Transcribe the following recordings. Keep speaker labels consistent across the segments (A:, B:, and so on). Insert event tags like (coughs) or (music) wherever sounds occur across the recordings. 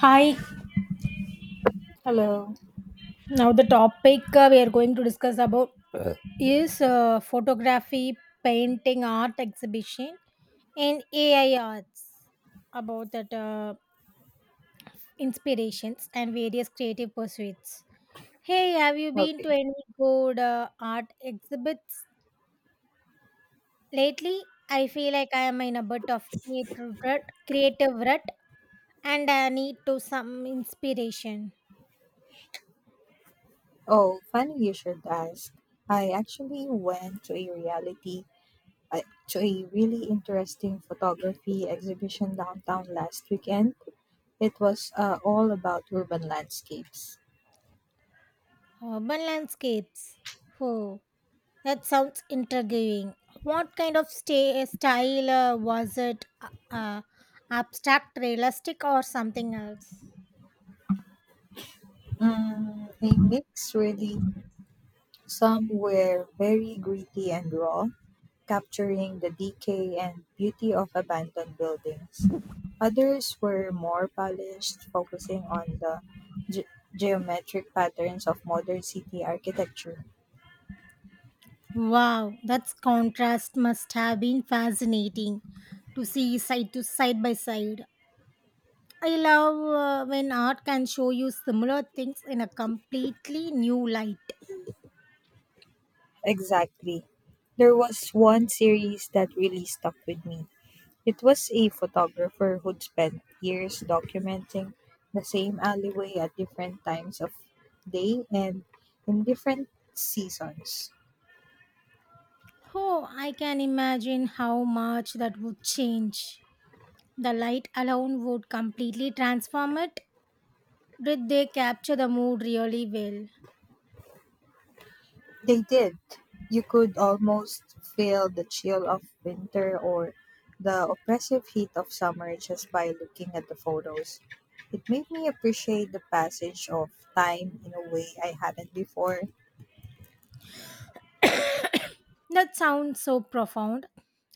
A: Hi,
B: Hello.
A: now the topic we are going to discuss about is photography, painting, art exhibition, and AI arts about that inspirations and various creative pursuits. Hey, have you been
B: Okay.
A: to any good art exhibits lately? I feel like I am in a bit of creative rut and I need to some inspiration.
B: Oh, funny you should ask. I actually went to a uh, to a really interesting photography exhibition downtown last weekend. It was all about urban landscapes.
A: Urban landscapes. Oh. That sounds intriguing. What kind of sta style was it? Abstract, realistic, or something else?
B: A mix, really. Some were very gritty and raw, capturing the decay and beauty of abandoned buildings. Others were more polished, focusing on the ge- geometric patterns of modern city architecture.
A: Wow, that contrast must have been fascinating to see side by side. I love when art can show you similar things in a completely new light.
B: Exactly. There was one series that really stuck with me. It was a photographer who'd spent years documenting the same alleyway at different times of day and in different seasons.
A: Oh, I can imagine how much that would change. The light alone would completely transform it. Did they capture the mood really well?
B: They did. You could almost feel the chill of winter or the oppressive heat of summer just by looking at the photos. It made me appreciate the passage of time in a way I hadn't before.
A: (coughs) That sounds so profound.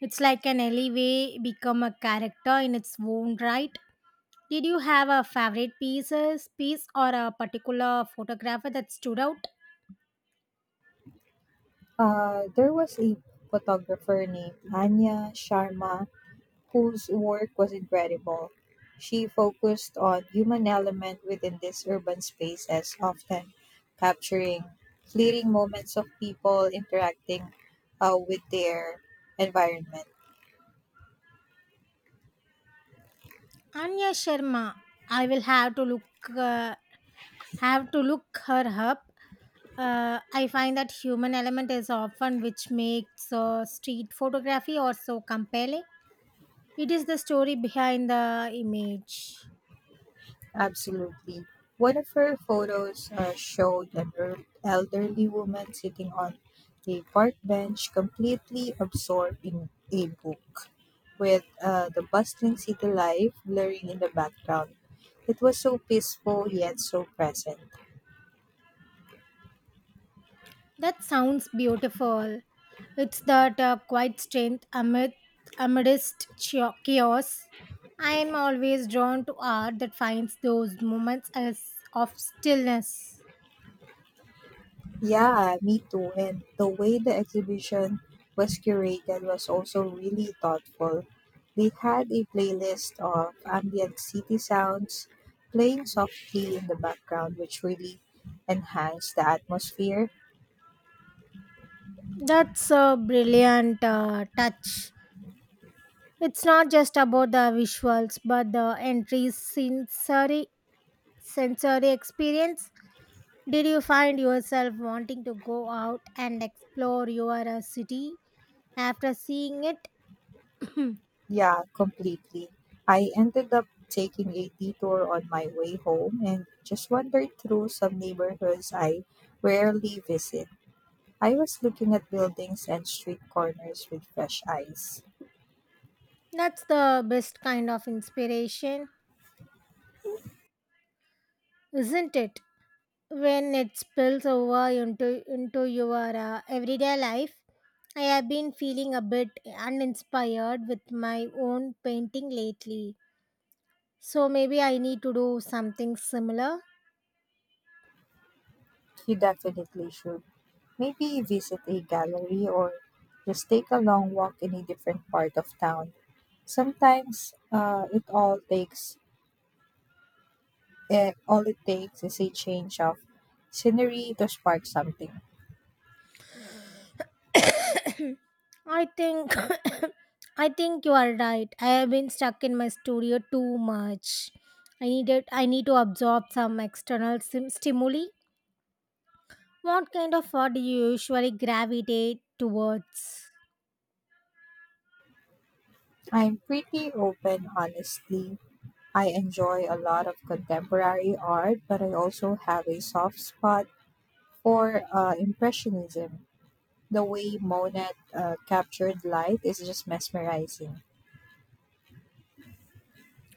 A: It's like an alleyway become a character in its own right. Did you have a piece or a particular photographer that stood out?
B: There was a photographer named Anya Sharma whose work was incredible. She focused on human element within these urban spaces, often capturing fleeting moments of people interacting with their environment.
A: Anya Sharma. I will have to uh, look her up. I find that human element is often which makes street photography or so compelling. It is the story behind the image.
B: Absolutely. One of her photos showed an elderly woman sitting on a park bench, completely absorbed in a book, with the bustling city life blurring in the background. It was so peaceful yet so present.
A: That sounds beautiful. It's that quiet strength amidst chaos. I am always drawn to art that finds those moments as of stillness.
B: Yeah, me too. And the way the exhibition was curated was also really thoughtful. They had a playlist of ambient city sounds playing softly in the background, which really enhanced the atmosphere.
A: That's a brilliant touch. It's not just about the visuals, but the entries sensory experience. Did you find yourself wanting to go out and explore your city after seeing it? (clears throat)
B: Yeah, completely. I ended up taking a detour on my way home and just wandered through some neighborhoods I rarely visit. I was looking at buildings and street corners with fresh eyes.
A: That's the best kind of inspiration, isn't it? When it spills over into your everyday life. I have been feeling a bit uninspired with my own painting lately. So maybe I need to do something similar.
B: You definitely should. Maybe visit a gallery or just take a long walk in a different part of town. Sometimes it all takes eh, all it takes is a change of scenery to spark something.
A: I think (coughs) I think you are right. I have been stuck in my studio too much. I need to absorb some external stimuli. What kind of art do you usually gravitate towards?
B: I'm pretty open, honestly. I enjoy a lot of contemporary art, but I also have a soft spot for impressionism. The way Monet captured light is just mesmerizing.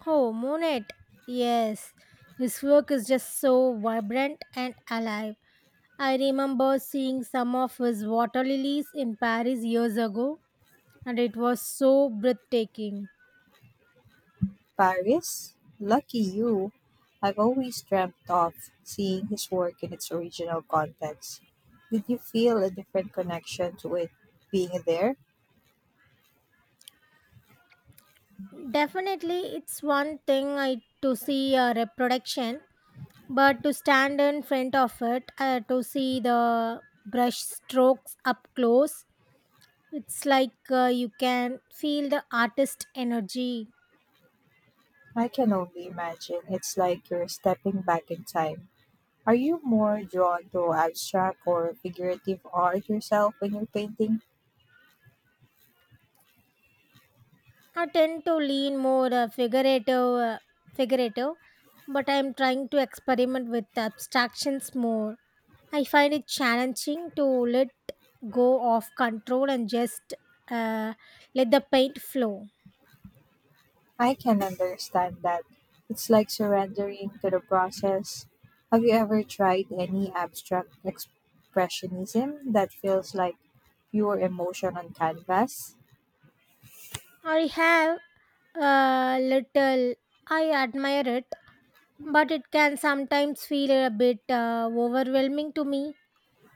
A: Oh, Monet. Yes. His work is just so vibrant and alive. I remember seeing some of his water lilies in Paris years ago and it was so breathtaking.
B: Paris? Lucky you! I've always dreamt of seeing his work in its original context. Did you feel a different connection to it being there?
A: Definitely, it's to see a reproduction, but to stand in front of it, to see the brush strokes up close, it's like you can feel the artist energy.
B: I can only imagine. It's like you're stepping back in time. Are you more drawn to abstract or figurative art yourself when you're painting?
A: I tend to lean more uh, figurative, but I'm trying to experiment with abstractions more. I find it challenging to let go of control and just uh, let the paint flow.
B: I can understand that. It's like surrendering to the process. Have you ever tried any abstract expressionism that feels like pure emotion on canvas?
A: I have a little. I admire it, but it can sometimes feel a bit overwhelming to me,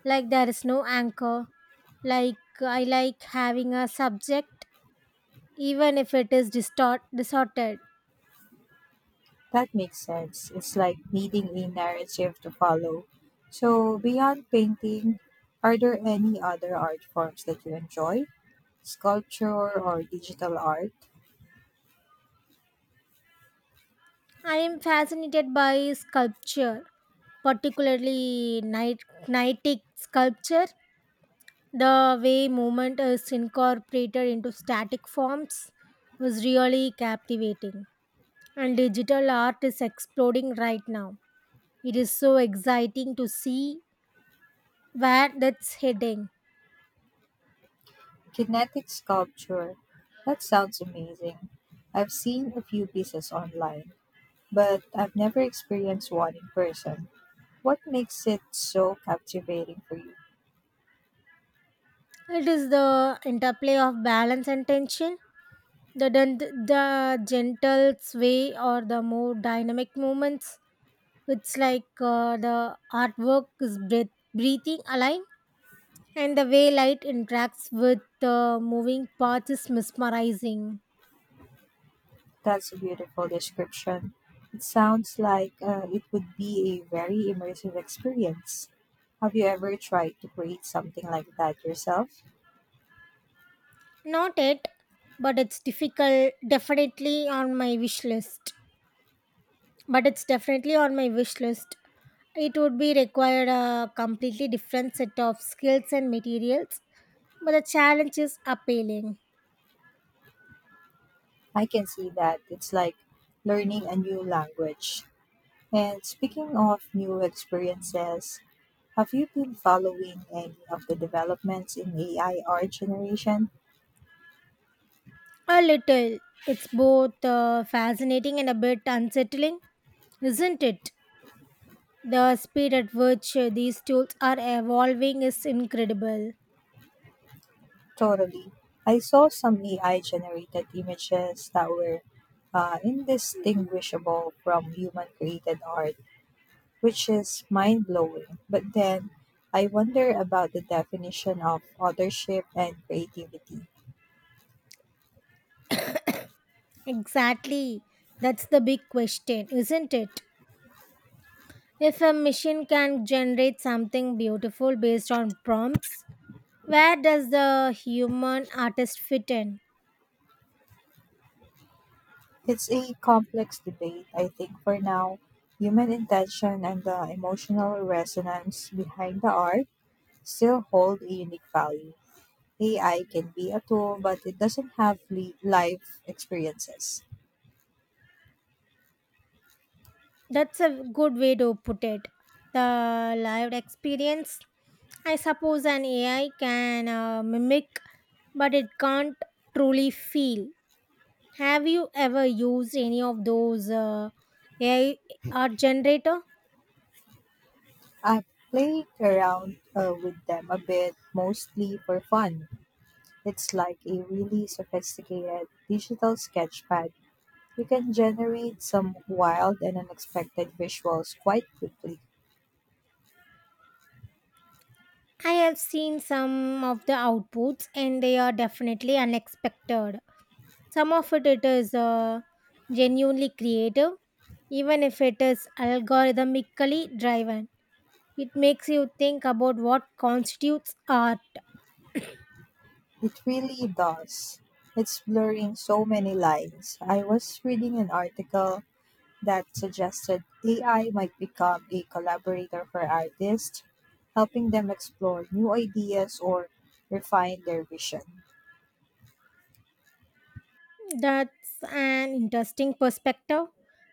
A: like there is no anchor. Like I like having a subject, even if it is distorted.
B: That makes sense. It's like needing a narrative to follow. So, beyond painting, are there any other art forms that you enjoy? Sculpture or digital art?
A: I am fascinated by sculpture, particularly nightic sculpture. The way movement is incorporated into static forms was really captivating. And digital art is exploding right now. It is so exciting to see where that's heading.
B: Kinetic sculpture. That sounds amazing. I've seen a few pieces online, but I've never experienced one in person. What makes it so captivating for you?
A: It is the interplay of balance and tension. The gentle sway or the more dynamic movements. It's like the artwork is breathing alive, and the way light interacts with the moving parts is mesmerizing.
B: That's a beautiful description. It sounds like it would be a very immersive experience. Have you ever tried to create something like that yourself?
A: Not it, but it's difficult, definitely on my wish list. But it's definitely on my wish list. It would be required a completely different set of skills and materials, but the challenge is appealing.
B: I can see that. It's like learning a new language. And speaking of new experiences, have you been following any of the developments in AI art generation?
A: A little. It's both fascinating and a bit unsettling, isn't it? The speed at which these tools are evolving is incredible.
B: Totally. I saw some AI generated images that were indistinguishable from human created art, which is mind blowing. But then I wonder about the definition of authorship and creativity.
A: Exactly, that's the big question, isn't it? If a machine can generate something beautiful based on prompts, where does the human artist fit in?
B: It's a complex debate, I think, for now. Human intention and the emotional resonance behind the art still hold a unique value. AI can be a tool, but it doesn't have life experiences.
A: That's a good way to put it. The lived experience, I suppose, an AI can mimic, but it can't truly feel. Have you ever used any of those AI art generator?
B: I play around with them a bit, mostly for fun. It's like a really sophisticated digital sketchpad. You can generate some wild and unexpected visuals quite quickly.
A: I have seen some of the outputs, and they are definitely unexpected. Some of it, it is genuinely creative, even if it is algorithmically driven. It makes you think about what constitutes art.
B: It really does. It's blurring so many lines. I was reading an article that suggested AI might become a collaborator for artists, helping them explore new ideas or refine their vision.
A: That's an interesting perspective.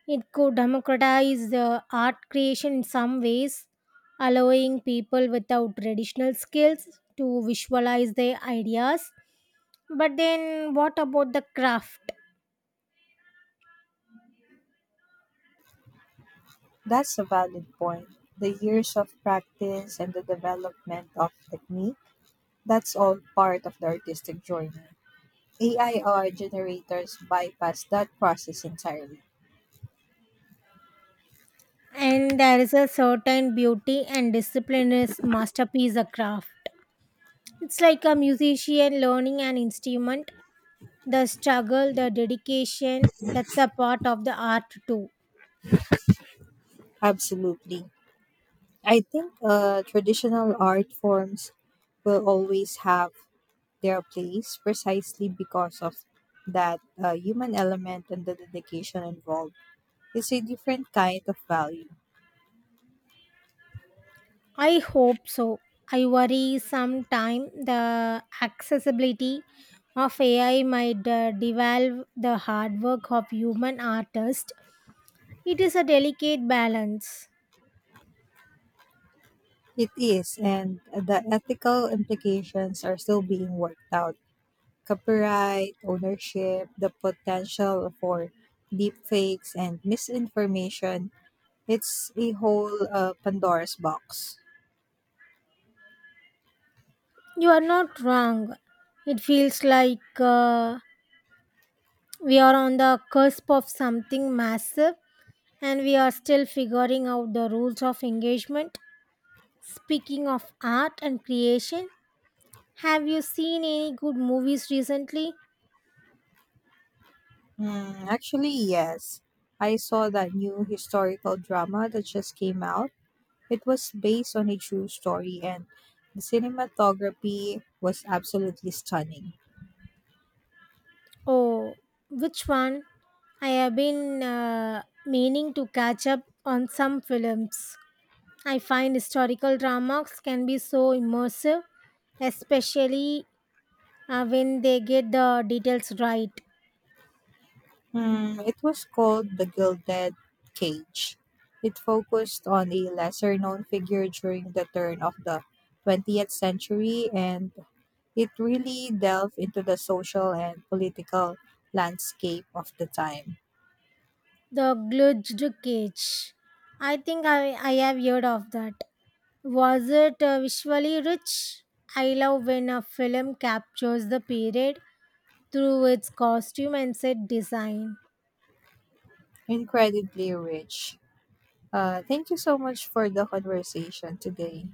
A: It could democratize the art creation in some ways, allowing people without traditional skills to visualize their ideas. But then, what about the craft?
B: That's a valid point. The years of practice and the development of technique, that's all part of the artistic journey. AIR generators bypass that process entirely.
A: And there is a certain beauty and discipline is masterpiece a craft. It's like a musician learning an instrument, the struggle, the dedication, that's a part of the art too.
B: Absolutely. I think traditional art forms will always have their place precisely because of that human element and the dedication involved. It's a different kind of value.
A: I hope so. I worry sometime the accessibility of ai might devalve the hard work of human artists. It is a delicate balance.
B: It is, and the ethical implications are still being worked out. Copyright, ownership, the potential for deepfakes and misinformation. It's a whole Pandora's box.
A: You are not wrong. It feels like we are on the cusp of something massive, and we are still figuring out the rules of engagement. Speaking of art and creation, have you seen any good movies recently?
B: Hmm, actually, yes. I saw that new historical drama that just came out. It was based on a true story, and the cinematography was absolutely stunning.
A: Oh, which one? I have been meaning to catch up on some films. I find historical dramas can be so immersive, especially when they get the details right.
B: Hmm, it was called The Gilded Cage. It focused on a lesser known figure during the turn of the 20th century and it really delved into the social and political landscape of the time.
A: The Gludged Cage. I have heard of that. Was it visually rich? I love when a film captures the period through its costume and set design.
B: Incredibly rich. Thank you so much for the conversation today.